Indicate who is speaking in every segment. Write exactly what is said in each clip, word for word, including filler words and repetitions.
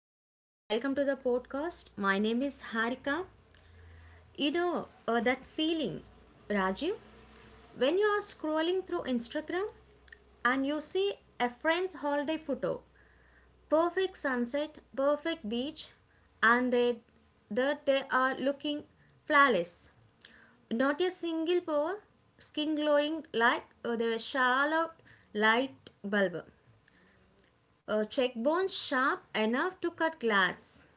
Speaker 1: Hey, welcome to the podcast. My name is Harika. You know uh, that feeling, Rajiv, when you are scrolling through Instagram and you see a friend's holiday photo, perfect sunset, perfect beach, and they, that they are looking flawless. Not a single pore, skin glowing like uh, they were shallow light bulb. Uh, cheekbones sharp enough to cut glass.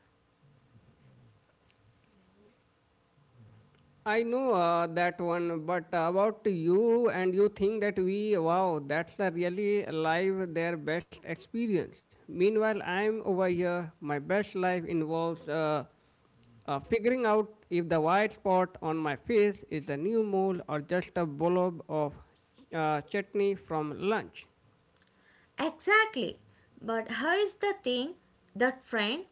Speaker 2: I know uh, that one, but about you and you think that we, wow, that's the really live their best experience. Meanwhile, I'm over here. My best life involves uh, uh, figuring out if the white spot on my face is a new mole or just a blob of uh, chutney from lunch.
Speaker 1: Exactly. But here's the thing, that friend,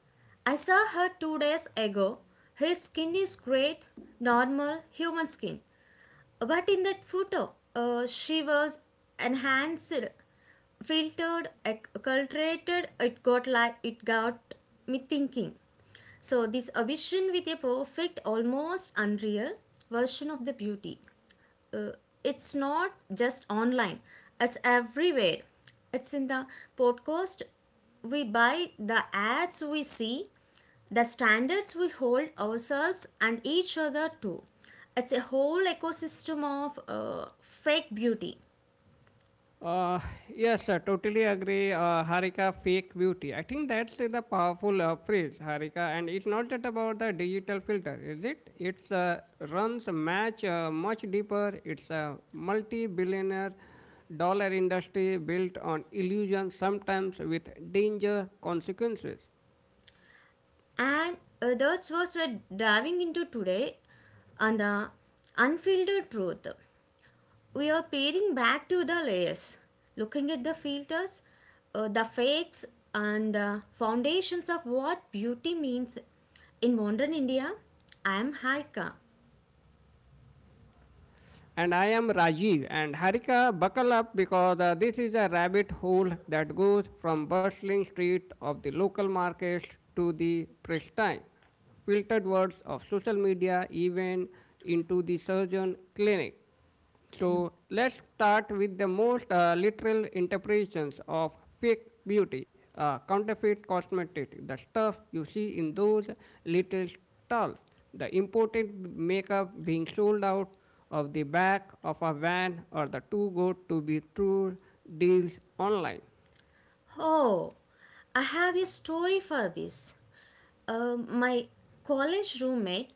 Speaker 1: I saw her two days ago. Her skin is great, normal human skin. But in that photo, uh, she was enhanced, filtered, acculturated. It got like it got me thinking. So this ambition with a perfect, almost unreal version of the beauty, it's not just online, it's everywhere, it's in the podcast we buy, the ads we see, the standards we hold ourselves and each other to. It's a whole ecosystem of uh, fake beauty.
Speaker 2: Uh, yes, I totally agree. Uh, Harika, fake beauty. I think that's the powerful uh, phrase, Harika. And it's not just about the digital filter, is it? It's uh, runs a match uh, much deeper. It's a multi-billionaire dollar industry built on illusion, sometimes with danger consequences.
Speaker 1: And uh, that's what we're diving into today on the Unfiltered Truth. We are peering back to the layers, looking at the filters, uh, the fakes, and the foundations of what beauty means. In modern India, I am Harika.
Speaker 2: And I am Rajiv. And Harika, buckle up because uh, this is a rabbit hole that goes from bustling street of the local markets to the pristine, filtered words of social media, even into the surgeon clinic. So let's start with the most uh, literal interpretations of fake beauty, uh, counterfeit cosmetics, the stuff you see in those little stalls, the imported makeup being sold out of the back of a van or the too good to be true deals online.
Speaker 1: Oh, I have a story for this. Uh, my college roommate,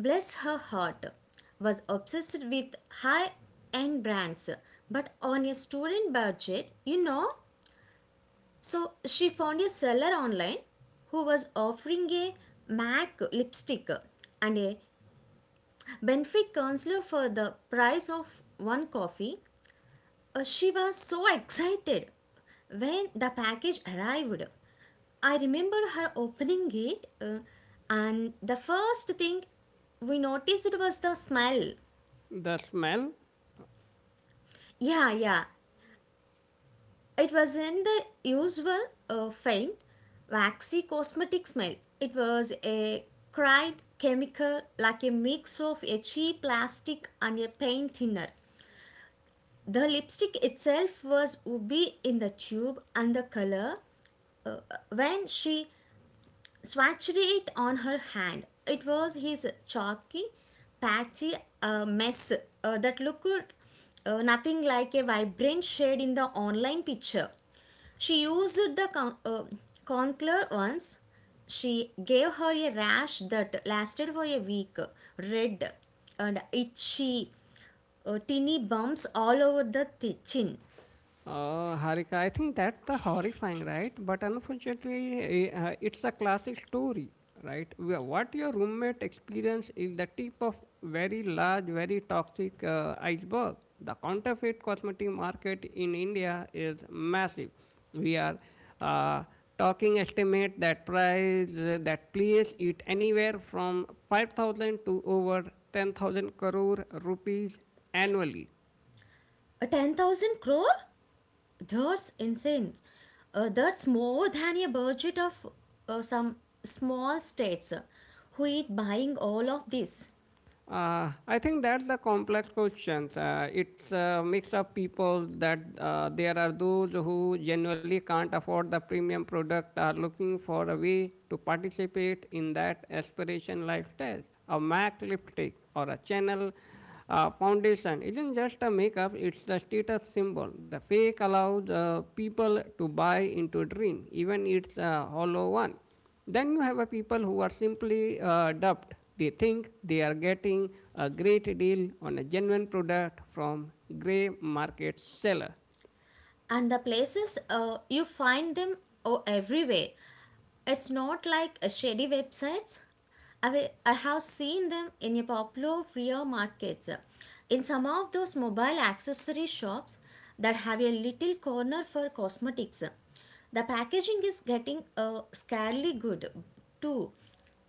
Speaker 1: bless her heart, was obsessed with high end brands, but on a student budget, you know. So she found a seller online who was offering a MAC lipstick and a benefit counselor for the price of one coffee. Uh, she was so excited when the package arrived. I remember her opening it, uh, and the first thing we noticed was the smell.
Speaker 2: The smell.
Speaker 1: Yeah, yeah, It wasn't the usual uh, faint, waxy cosmetic smell. It was a cried chemical, like a mix of a cheap plastic and a paint thinner. The lipstick itself was ruby in the tube and the color, uh, when she swatched it on her hand, it was his chalky, patchy uh, mess uh, that looked uh, nothing like a vibrant shade in the online picture. She used the con- uh, concealer once. She gave her a rash that lasted for a week, red and itchy, uh, teeny bumps all over the th- chin.
Speaker 2: Uh, Harika, I think that's the horrifying, right? But unfortunately, eh, uh, it's a classic story, right? Wh- What your roommate experienced is the tip of very large, very toxic uh, iceberg. The counterfeit cosmetic market in India is massive. We are uh, talking estimate that price uh, that place it anywhere from five thousand to over ten thousand crore rupees annually.
Speaker 1: A ten thousand crore? That's insane. Uh, that's more than a budget of uh, some small states. Who is buying all of this?
Speaker 2: Uh, I think that's the complex question. Uh, it's a mix of people that uh, there are those who generally can't afford the premium product are looking for a way to participate in that aspiration lifestyle. A MAC lipstick or a channel uh, foundation isn't just a makeup, it's the status symbol. The fake allows uh, people to buy into a dream, even it's a hollow one. Then you have a people who are simply uh, duped. They think they are getting a great deal on a genuine product from grey market seller.
Speaker 1: And the places uh, you find them, oh, everywhere. It's not like uh, shady websites. I, will- I have seen them in a popular flea markets, in some of those mobile accessory shops that have a little corner for cosmetics. The packaging is getting uh, scarily good too.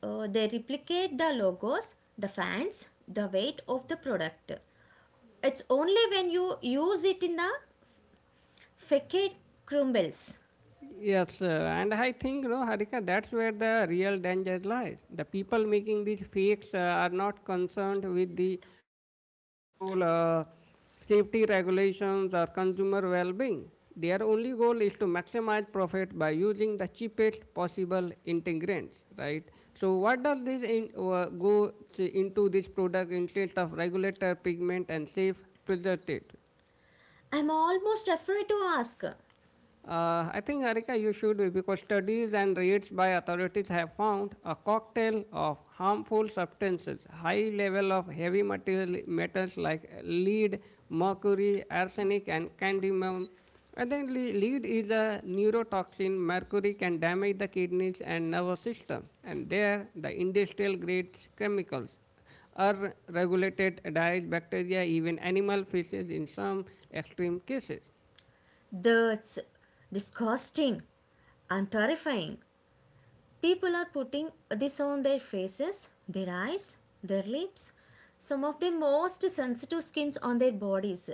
Speaker 1: uh, They replicate the logos, the fans, the weight of the product. It's only when you use it in the facade crumbles.
Speaker 2: Yes, uh, and I think, no, Harika, that's where the real danger lies. The people making these fakes uh, are not concerned with the quality control, uh, safety regulations, or consumer well-being. Their only goal is to maximize profit by using the cheapest possible ingredients, right? So, what does this in, uh, go to- into this product instead of regulator pigment and safe preservative?
Speaker 1: I'm almost afraid to ask.
Speaker 2: Uh, I think, Arika, you should be because studies and raids by authorities have found a cocktail of harmful substances, high level of heavy material, metals like lead, mercury, arsenic, and cadmium. And then le- lead is a neurotoxin. Mercury can damage the kidneys and nervous system. And there, the industrial grade chemicals are regulated diets, bacteria, even animal feces in some extreme cases.
Speaker 1: That's disgusting and terrifying. People are putting this on their faces, their eyes, their lips, some of the most sensitive skins on their bodies,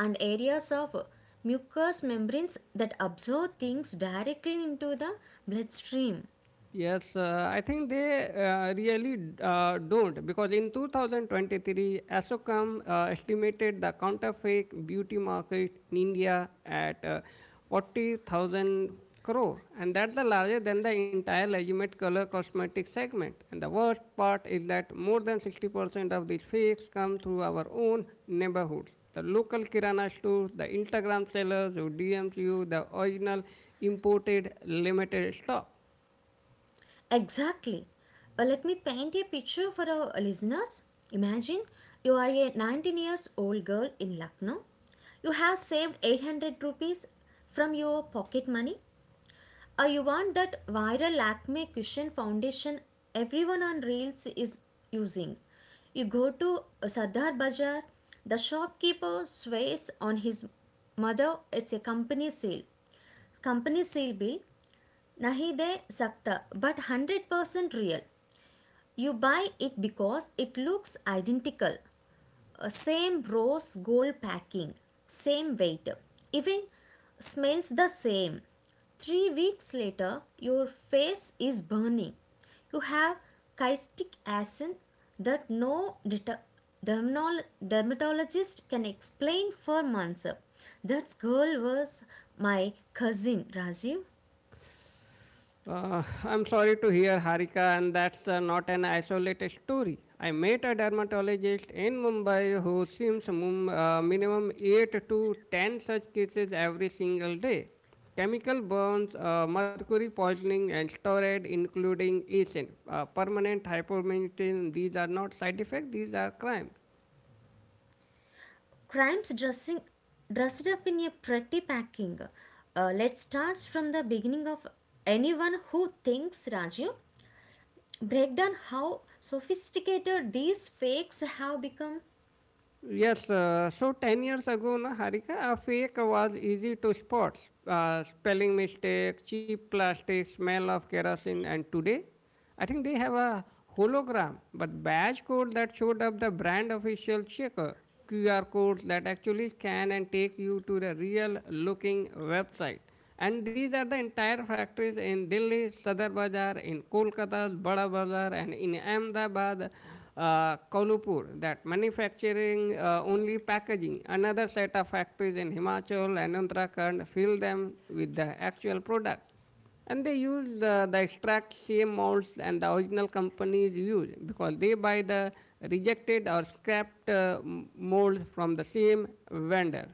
Speaker 1: and areas of mucous membranes that absorb things directly into the bloodstream.
Speaker 2: Yes, uh, I think they uh, really uh, don't because in two thousand twenty-three, Asocam uh, estimated the counterfeit beauty market in India at uh, forty thousand crore, and that's the larger than the entire legitimate color cosmetic segment. And the worst part is that more than sixty percent of these fakes come through our own neighborhoods. The local Kirana stores, the Instagram sellers who D Ms you the original imported limited stock.
Speaker 1: Exactly. Uh, let me paint a picture for our listeners. Imagine you are a nineteen years old girl in Lucknow. You have saved eight hundred rupees from your pocket money. Or you want that viral Lakme cushion foundation everyone on Reels is using. You go to uh, Sardar Bazaar. The shopkeeper swears on his mother it's a company sale. Company sale, bill. Nahi de sakta, but one hundred percent real. You buy it because it looks identical. Uh, Same rose gold packing, same weight, even smells the same. Three weeks later, your face is burning. You have kystic acid that no deta- dermatologist can explain for months. That girl was my cousin, Rajiv.
Speaker 2: Uh, I'm sorry to hear, Harika, and that's uh, not an isolated story. I met a dermatologist in Mumbai who sees mum, uh, minimum eight to ten such cases every single day. Chemical burns, uh, mercury poisoning, and steroid, including ASIN, uh, permanent hypomethylation, these are not side effects, these are crime.
Speaker 1: Crimes dressing dressed up in a pretty packing. Uh, let's start from the beginning of anyone who thinks, Rajiv. Break down how sophisticated these fakes have become.
Speaker 2: Yes, uh, so ten years ago, na, Harika, a fake was easy to spot. Uh, spelling mistakes, cheap plastic, smell of kerosene, and today, I think they have a hologram, but badge code that showed up the brand official checker, Q R codes that actually scan and take you to the real looking website. And these are the entire factories in Delhi, Sadar Bazar, in Kolkata, Bada Bazar, and in Ahmedabad, uh, Kolhapur that manufacturing uh, only packaging. Another set of factories in Himachal and Uttarakhand fill them with the actual product. And they use the, the extract same molds and the original companies use because they buy the rejected or scrapped uh, molds from the same vendor.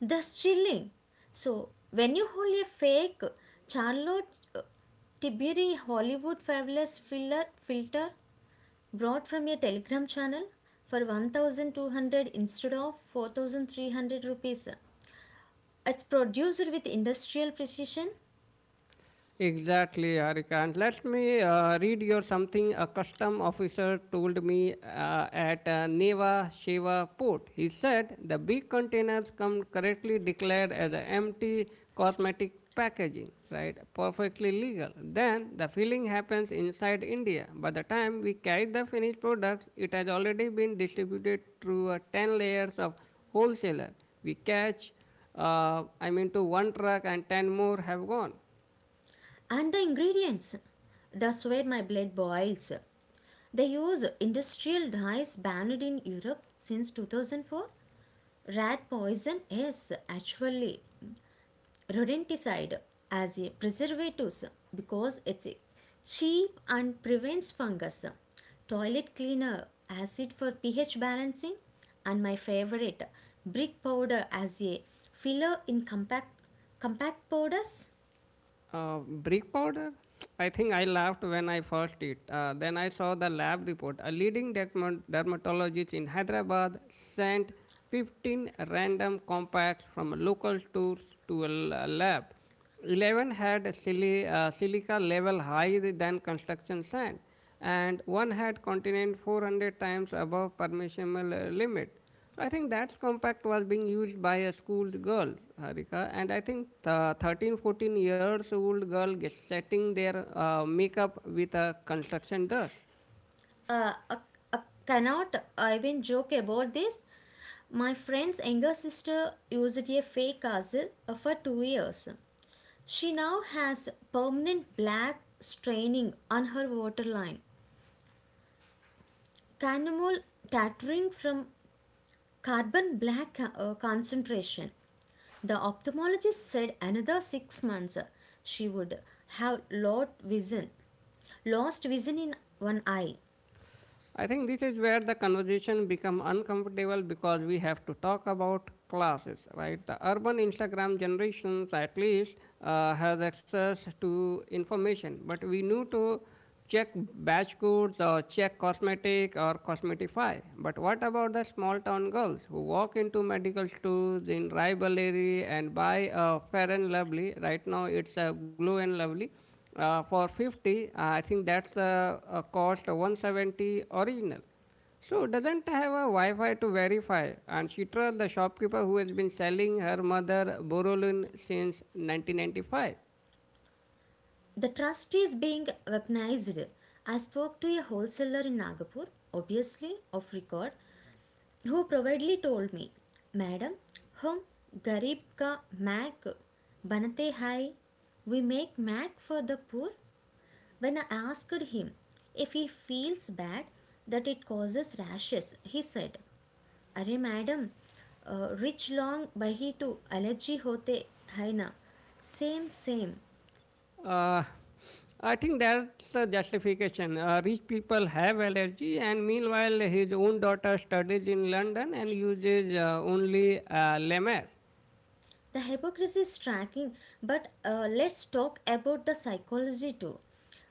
Speaker 1: Thus chilling. So when you hold a fake Charlotte uh, Tiberi Hollywood fabulous filler filter brought from a telegram channel for twelve hundred instead of four thousand three hundred rupees, it's produced with industrial precision.
Speaker 2: Exactly, Harikant. Let me uh, read your something a custom officer told me uh, at uh, Neva Sheva port. He said the big containers come correctly declared as a empty cosmetic packaging, right? Perfectly legal. Then the filling happens inside India. By the time we carry the finished product, it has already been distributed through uh, ten layers of wholesaler. We catch, uh, I mean, to one truck and ten more have gone.
Speaker 1: And the ingredients. That's where my blood boils. They use industrial dyes banned in Europe since two thousand four. Rat poison is actually rodenticide as a preservative because it's cheap and prevents fungus. Toilet cleaner acid for pH balancing, and my favorite, brick powder as a filler in compact compact powders.
Speaker 2: Uh, brick powder? I think I laughed when I first it. Uh, then I saw the lab report. A leading derma- dermatologist in Hyderabad sent fifteen random compacts from local stores to a l- lab. eleven had sili- uh, silica level higher than construction sand and one had continent four hundred times above permissible uh, limit. So I think that compact was being used by a school girl, Harika, and I think the thirteen fourteen years old girl gets setting their uh, makeup with a construction dust.
Speaker 1: uh, uh, uh, Cannot even joke about this. My friend's younger sister used a fake castle uh, for two years. She now has permanent black staining on her waterline, cannonal tattering from carbon black uh, concentration. The ophthalmologist said another six months uh, she would have lost vision, lost vision in one eye.
Speaker 2: I think this is where the conversation become uncomfortable because we have to talk about classes, right? The urban Instagram generations at least uh, has access to information, but we need to check batch codes or check cosmetic or cosmetify. But what about the small town girls who walk into medical stores in rivalry and buy a fair and lovely? Right now it's a glow and lovely uh, for fifty, uh, I think that's uh, a cost one seventy original. So doesn't have a Wi-Fi to verify, and she trusts the shopkeeper who has been selling her mother Borolin since nineteen ninety-five.
Speaker 1: The trust is being weaponized. I spoke to a wholesaler in Nagpur, obviously off record, who proudly told me, "Madam, hum garib ka mac banate hai." We make MAC for the poor. When I asked him if he feels bad that it causes rashes, he said, "अरे madam rich long bahi to allergy होते hai na? Same same."
Speaker 2: Uh, I think that's the justification. Uh, rich people have allergy, and meanwhile his own daughter studies in London and uses uh, only uh, Lemaire.
Speaker 1: The hypocrisy is striking, but uh, let's talk about the psychology too.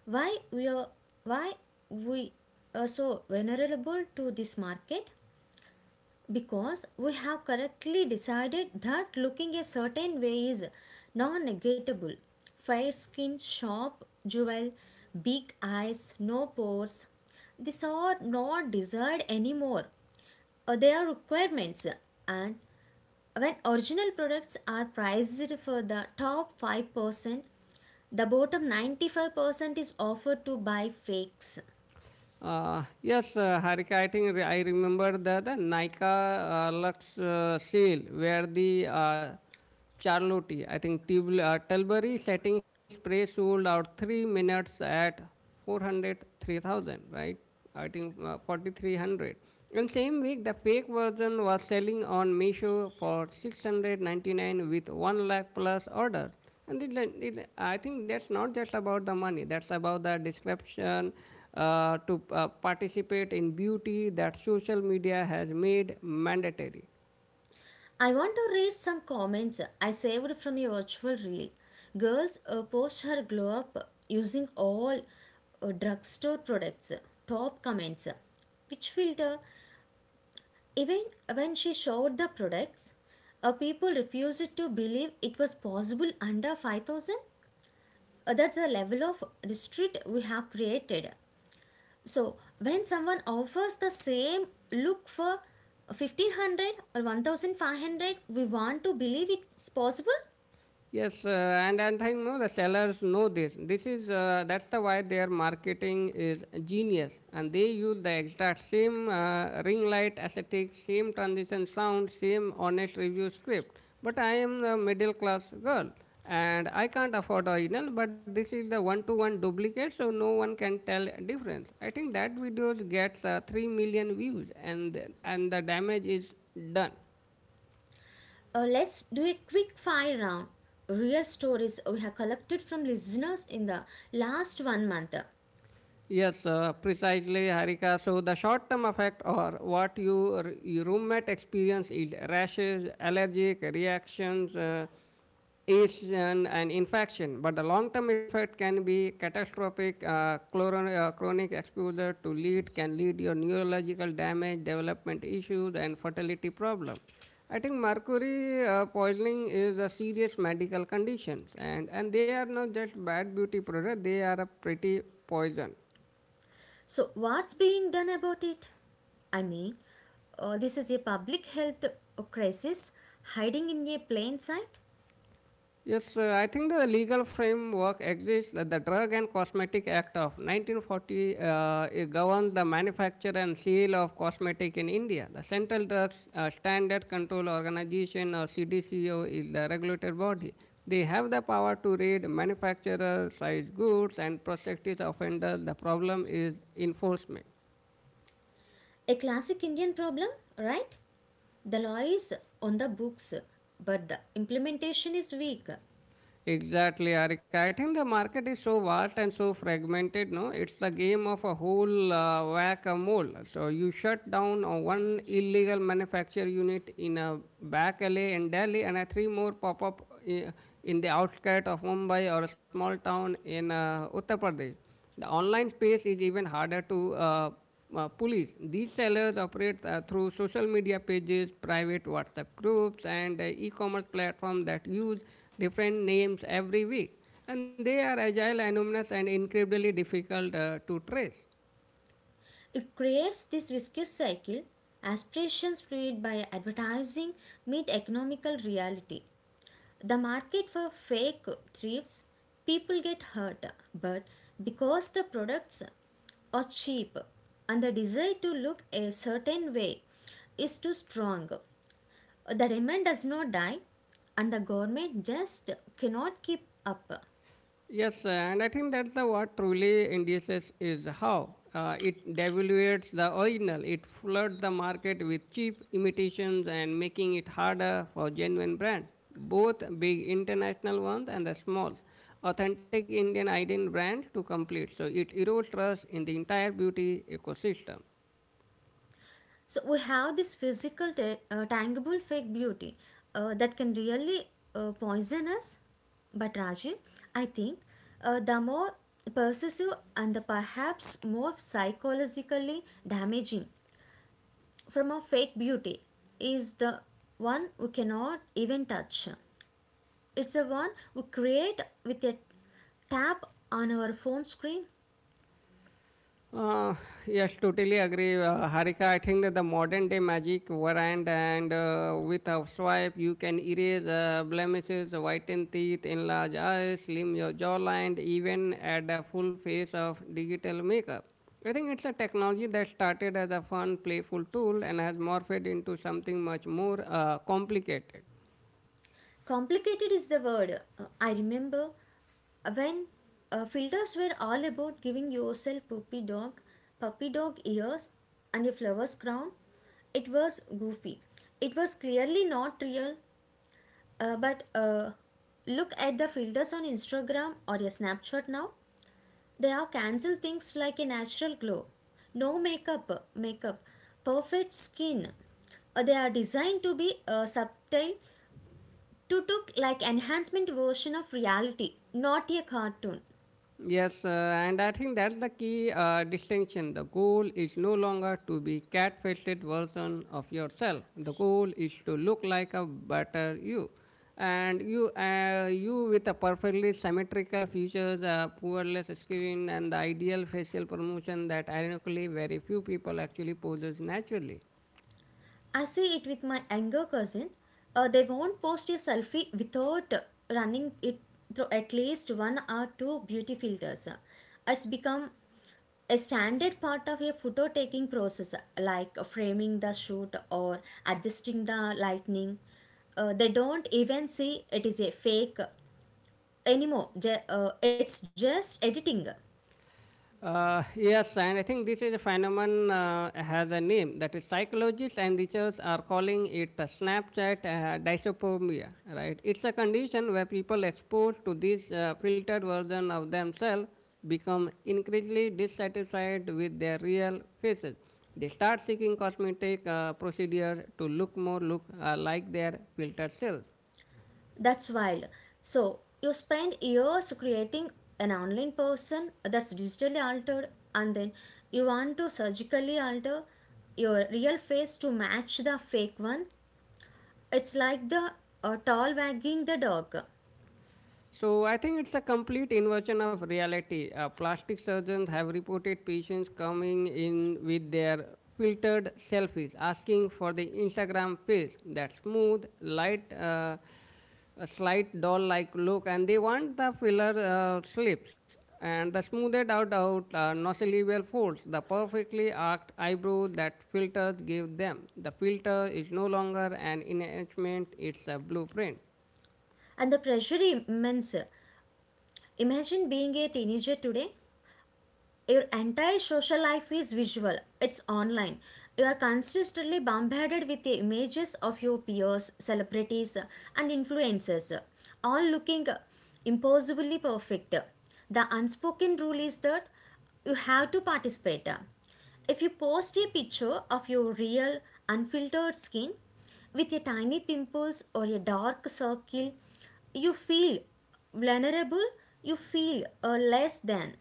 Speaker 1: Why we are why we are so vulnerable to this market? Because we have correctly decided that looking a certain way is non-negatable. Fair skin, sharp jewel, big eyes, no pores. These are not desired anymore. Uh, They are requirements, and when original products are priced for the top five percent, the bottom ninety five percent is offered to buy fakes.
Speaker 2: Uh, yes, uh, Harika, I think re- I remember the, the Nika uh, Lux uh, sale where the uh, Charlotte, I think Tibl- uh, Tilbury setting spray sold out three minutes at four hundred three thousand, right? I think uh, forty-three hundred. And same week, the fake version was selling on Meesho for six hundred ninety-nine with one lakh plus orders. And it, like- it, I think that's not just about the money. That's about the description uh, to uh, participate in beauty that social media has made mandatory.
Speaker 1: I want to read some comments I saved from your virtual reel. Girls uh, post her glow up using all uh, drugstore products. Top comments. Which filter? Even when she showed the products, uh, people refused to believe it was possible under five thousand. Uh, that's the level of district we have created, so when someone offers the same look for fifteen hundred or one thousand five hundred, we want to believe it's possible.
Speaker 2: Yes, uh, and and I know the sellers know this. This is uh, that's the why their marketing is genius, and they use the exact same uh, ring light aesthetics, same transition sound, same honest review script. But I am a middle class girl, and I can't afford original. But this is the one to one duplicate, so no one can tell difference. I think that video gets uh, three million views, and and the damage is done.
Speaker 1: Uh, let's do a quick fire round, real stories we have collected from listeners in the last one month.
Speaker 2: Yes, uh, precisely, Harika. So the short-term effect, or what your, your roommate experience, is rashes, allergic reactions, uh, itch, and, and infection. But the long-term effect can be catastrophic. Uh, chloron, uh, chronic exposure to lead can lead your neurological damage, development issues, and fertility problem. I think mercury uh, poisoning is a serious medical condition, and and they are not just bad beauty product; they are a pretty poison.
Speaker 1: So what's being done about it? I mean, uh, this is a public health crisis hiding in a plain sight.
Speaker 2: Yes, uh, I think the legal framework exists. uh, The Drug and Cosmetic Act of nineteen forty uh, it governs the manufacture and sale of cosmetic in India. The Central Drugs uh, Standard Control Organization or C D C O is the regulatory body. They have the power to raid manufacturers, size goods, and prosecute offenders. The problem is enforcement.
Speaker 1: A classic Indian problem, right? The law is on the books, but the implementation is weak.
Speaker 2: Exactly, Arika. I think the market is so vast and so fragmented. No, it's the game of a whole uh, whack-a-mole. So you shut down uh, one illegal manufacture unit in a back alley in Delhi, and a three more pop up i- in the outskirt of Mumbai or a small town in uh, Uttar Pradesh. The online space is even harder to uh, uh, police. These sellers operate uh, through social media pages, private WhatsApp groups, and uh, e-commerce platforms that use different names every week. And they are agile, anonymous, and incredibly difficult uh, to trace.
Speaker 1: It creates this viscous cycle. Aspirations created by advertising meet economical reality. The market for fake thrives, people get hurt, but because the products are cheap and the desire to look a certain way is too strong, the demand does not die and the government just cannot keep up.
Speaker 2: Yes, uh, and I think that's the what truly indices is how uh, it devaluates the original. It floods the market with cheap imitations and making it harder for genuine brand. Both big international ones and the small, authentic Indian Indian brand to complete. So it erodes trust in the entire beauty ecosystem.
Speaker 1: So we have this physical uh, tangible fake beauty uh, that can really uh, poison us, but Rajiv, I think uh, the more pervasive and the perhaps more psychologically damaging from a fake beauty is the one we cannot even touch. It's the one we create with a tap on our phone screen.
Speaker 2: Uh, yes, totally agree. Uh, Harika, I think that the modern day magic variant and uh, with a swipe, you can erase uh, blemishes, whiten teeth, enlarge eyes, slim your jawline, even add a full face of digital makeup. I think it's a technology that started as a fun, playful tool and has morphed into something much more uh, complicated.
Speaker 1: Complicated is the word. Uh, I remember when uh, filters were all about giving yourself puppy dog, puppy dog ears, and a flower's crown. It was goofy. It was clearly not real. Uh, but uh, look at the filters on Instagram or a Snapchat now. They are cancel things like a natural glow, no makeup, makeup, perfect skin. Uh, they are designed to be uh, subtle, to took like enhancement version of reality, not a cartoon.
Speaker 2: Yes, uh, and I think that's the key uh, distinction. The goal is no longer to be cat-faced version of yourself. The goal is to look like a better you, and you, uh, you with a perfectly symmetrical features, a poorless skin, and the ideal facial promotion that ironically very few people actually possess naturally.
Speaker 1: I see it with my younger cousins. Uh, they won't post a selfie without running it through at least one or two beauty filters. It's become a standard part of a photo taking process, like framing the shoot or adjusting the lighting. Uh, they don't even see it is a fake anymore. Ju- uh, it's just editing.
Speaker 2: Uh, yes, and I think this is a phenomenon uh, has a name that is psychologists and researchers are calling it a Snapchat uh, dysopomia, right? It's a condition where people exposed to this uh, filtered version of themselves become increasingly dissatisfied with their real faces. They start seeking cosmetic uh, procedure to look more look uh, like their filtered self.
Speaker 1: That's wild. So you spend years creating an online person that's digitally altered, and then you want to surgically alter your real face to match the fake one. It's like the uh, tall wagging the dog.
Speaker 2: So I think it's a complete inversion of reality. Uh, plastic surgeons have reported patients coming in with their filtered selfies, asking for the Instagram face, that smooth, light, uh, a slight doll-like look, and they want the filler uh, slips and the smoothed out out uh, nosolevel folds, the perfectly arched eyebrows that filters give them. The filter is no longer an enhancement; it's a blueprint.
Speaker 1: And the pressure immense. Imagine being a teenager today. Your entire social life is visual, it's online. You are consistently bombarded with the images of your peers, celebrities and influencers, all looking impossibly perfect. The unspoken rule is that you have to participate. If you post a picture of your real unfiltered skin with a tiny pimples or a dark circle, you feel vulnerable, you feel uh, less than.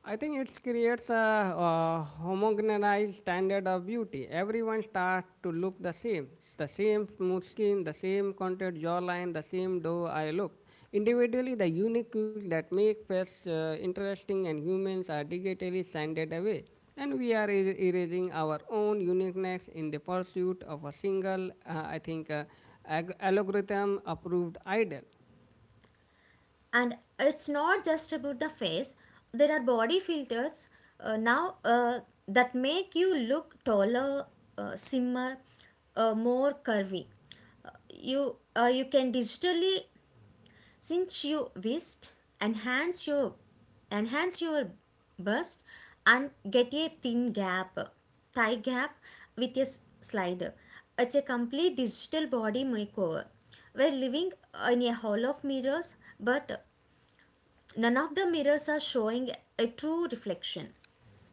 Speaker 2: I think it creates a, uh homogenized standard of beauty. Everyone starts to look the same. The same smooth skin, the same contour jawline, the same doe eye look. Individually, the unique looks that make face uh, interesting and humans are digitally sanded away. And we are er- erasing our own uniqueness in the pursuit of a single, uh, I think, uh, ag- algorithm approved idol.
Speaker 1: And it's not just about the face, there are body filters uh, now uh, that make you look taller, uh, slimmer, uh, more curvy. Uh, you uh, you can digitally cinch your waist, enhance your enhance your bust and get a thin gap thigh gap with a s- slider. It's a complete digital body makeover. We're living in a hall of mirrors, but none of the mirrors are showing a true reflection.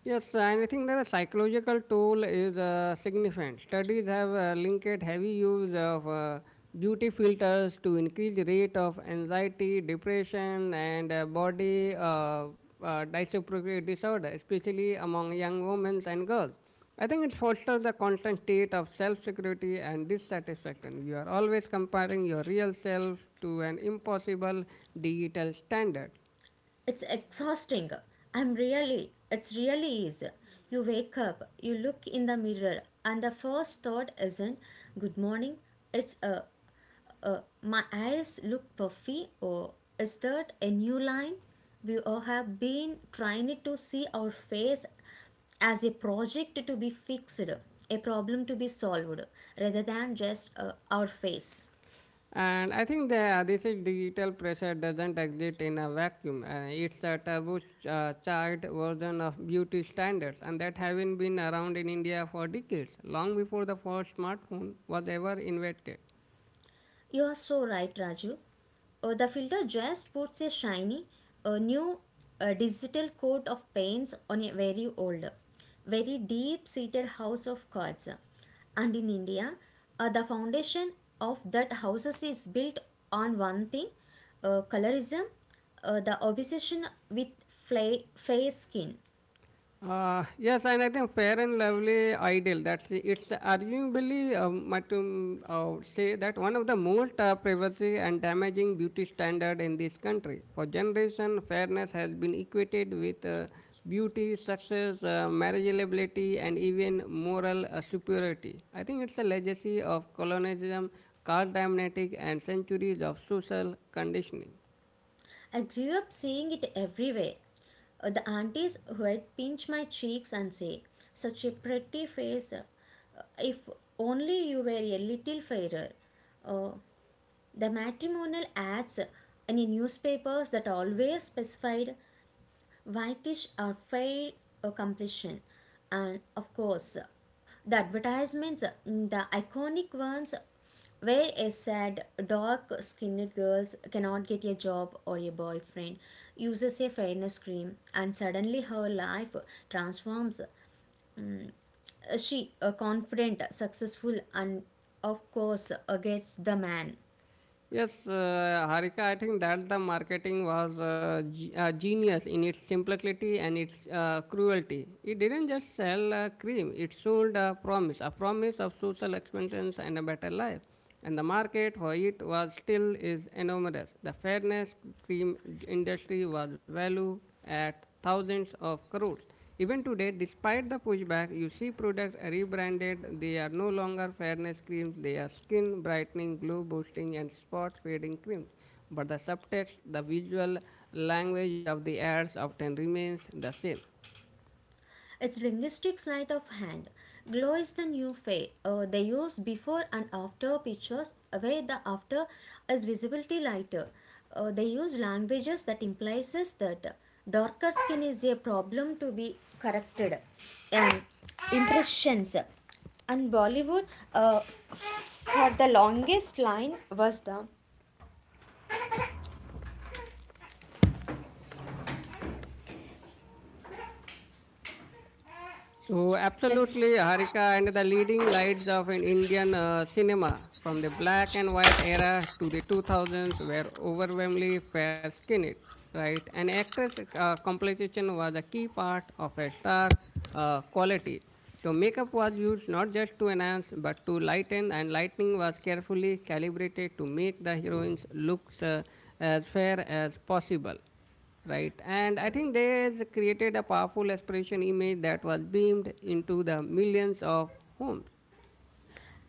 Speaker 2: Yes, and I think that the psychological toll is uh, significant. Studies have uh, linked heavy use of uh, beauty filters to increased rate of anxiety, depression, and uh, body uh, uh, dysregulatory disorder, especially among young women and girls. I think it fosters the constant state of self-security and dissatisfaction. You are always comparing your real self to an impossible digital standard.
Speaker 1: It's exhausting. I'm really, it's really is. You wake up, you look in the mirror, and the first thought isn't good morning. It's a, a my eyes look puffy, or is that a new line? We all have been trying to see our face as a project to be fixed, a problem to be solved, rather than just uh, our face.
Speaker 2: And I think that this is digital pressure doesn't exist in a vacuum. Uh, it's a turbocharged version of beauty standards, and that having been around in India for decades, long before the first smartphone was ever invented.
Speaker 1: You are so right, Raju. Uh, the filter just puts a shiny, a new uh, digital coat of paints on a very old, very deep seated house of cards. And in India, uh, the foundation of that houses is built on one thing, uh, colorism, uh, the obsession with fla- fair skin.
Speaker 2: Uh, yes, and I think Fair and Lovely Ideal. That's it's arguably um, might um, uh, say that one of the most uh, privacy and damaging beauty standard in this country. For generation, fairness has been equated with uh, beauty, success, uh, marriageability, and even moral uh, superiority. I think it's a legacy of colonialism, caste dynamic, and centuries of social conditioning.
Speaker 1: I grew up seeing it everywhere. Uh, The aunties who would pinch my cheeks and say, "Such a pretty face. Uh, If only you were a little fairer." Uh, the matrimonial ads in the newspapers that always specified whitish are fair uh, completion, and of course, the advertisements, mm, the iconic ones, where a sad, dark-skinned girl cannot get a job or a boyfriend, uses a fairness cream, and suddenly her life transforms. Uh, She, uh, confident, successful, and of course, uh, gets the man.
Speaker 2: Yes, uh, Harika, I think that the marketing was uh, ge- uh, genius in its simplicity and its uh, cruelty. It didn't just sell uh, cream, it sold a promise, a promise of social expansion and a better life. And the market for it was still is enormous. The fairness cream industry was valued at thousands of crores. Even today, despite the pushback, you see products rebranded. They are no longer fairness creams, they are skin brightening, glow boosting, and spot fading creams. But the subtext, the visual language of the ads often remains the same.
Speaker 1: It's linguistic sleight of hand. Glow is the new face. Uh, they use before and after pictures, where the after is visibility lighter. Uh, they use languages that implies that darker skin is a problem to be corrected. And impressions and Bollywood, uh, for the longest line, was the
Speaker 2: So,
Speaker 1: yes.
Speaker 2: absolutely, Harika, and the leading lights of an Indian uh, cinema from the black and white era to the two thousands were overwhelmingly fair skinned, right? And actress uh, complexion was a key part of a star uh, quality. So, makeup was used not just to enhance but to lighten, and lightning was carefully calibrated to make the heroines look uh, as fair as possible. Right, and I think they has created a powerful aspiration image that was beamed into the millions of homes.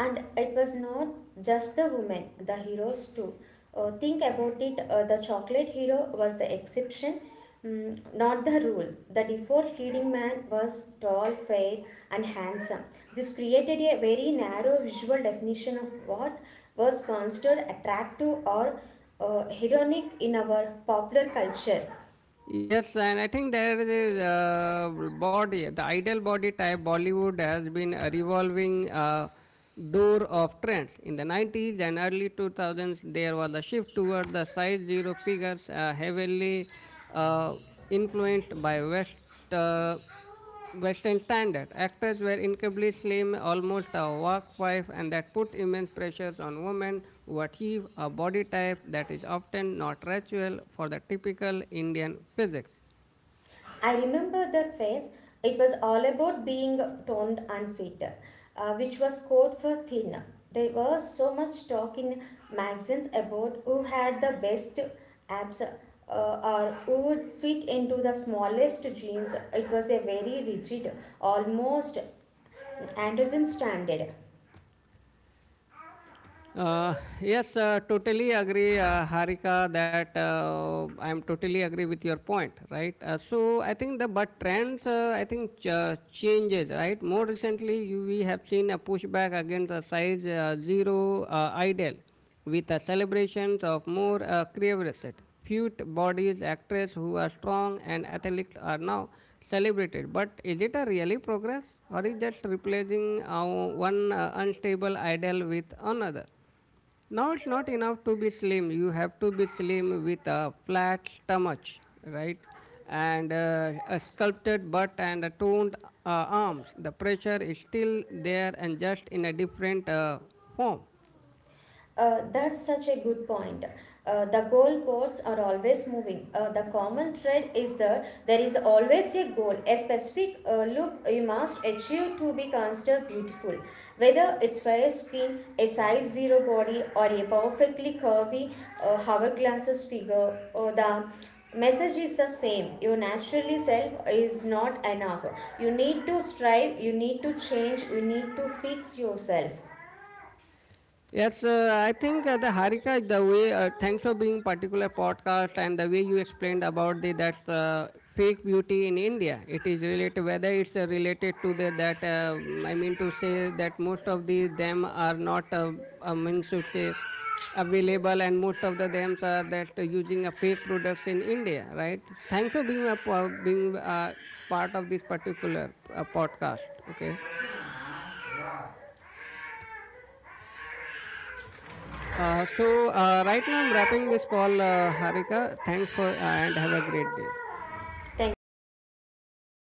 Speaker 1: And it was not just the women, the heroes too. Uh, think about it, uh, the chocolate hero was the exception, mm, not the rule. The default leading man was tall, fair and handsome. This created a very narrow visual definition of what was considered attractive or uh, hedonic in our popular culture.
Speaker 2: Yes, and I think there is a body, the ideal body type Bollywood has been a revolving uh, door of trends. In the nineties and early two thousands, there was a shift toward the size zero figures, uh, heavily uh, influenced by West. Uh, Western standard. Actors were incredibly slim, almost a work wife, and that put immense pressures on women who achieve a body type that is often not natural for the typical Indian physique.
Speaker 1: I remember that phase. It was all about being toned and fit, uh, which was code for thin. There was so much talk in magazines about who had the best abs uh, or who would fit into the smallest jeans. It was a very rigid, almost androgen standard.
Speaker 2: Uh, yes, uh, totally agree, uh, Harika, that uh, I'm totally agree with your point, right? Uh, so I think the but trends, uh, I think ch- uh, changes, right? More recently, you, we have seen a pushback against the size uh, zero uh, ideal, with the celebrations of more uh, crevaset. Fit bodies, actors who are strong and athletes are now celebrated. But is it a really progress, or is just replacing uh, one uh, unstable ideal with another? Now it's not enough to be slim. You have to be slim with a flat stomach, right? And uh, a sculpted butt and a toned uh, arms. The pressure is still there and just in a different uh, form.
Speaker 1: Uh, that's such a good point. Uh, the goalposts are always moving. Uh, the common thread is that there is always a goal, a specific uh, look you must achieve to be considered beautiful. Whether it's fair skin, a size zero body, or a perfectly curvy uh, hourglasses figure, or the message is the same. Your naturally self is not enough. You need to strive. You need to change. You need to fix yourself.
Speaker 2: Yes, uh, I think uh, the Harika, the way, uh, thanks for being particular podcast and the way you explained about the that uh, fake beauty in India. It is related, whether it's uh, related to the that, uh, I mean to say that most of the them are not, uh, I mean to say, available and most of the them are that uh, using a fake products in India, right? Thanks for being a, po- being uh part of this particular uh, podcast, okay? Uh, so uh, right now I'm wrapping this call, uh, Harika. Thanks for uh, and have a great day.
Speaker 1: Thank you.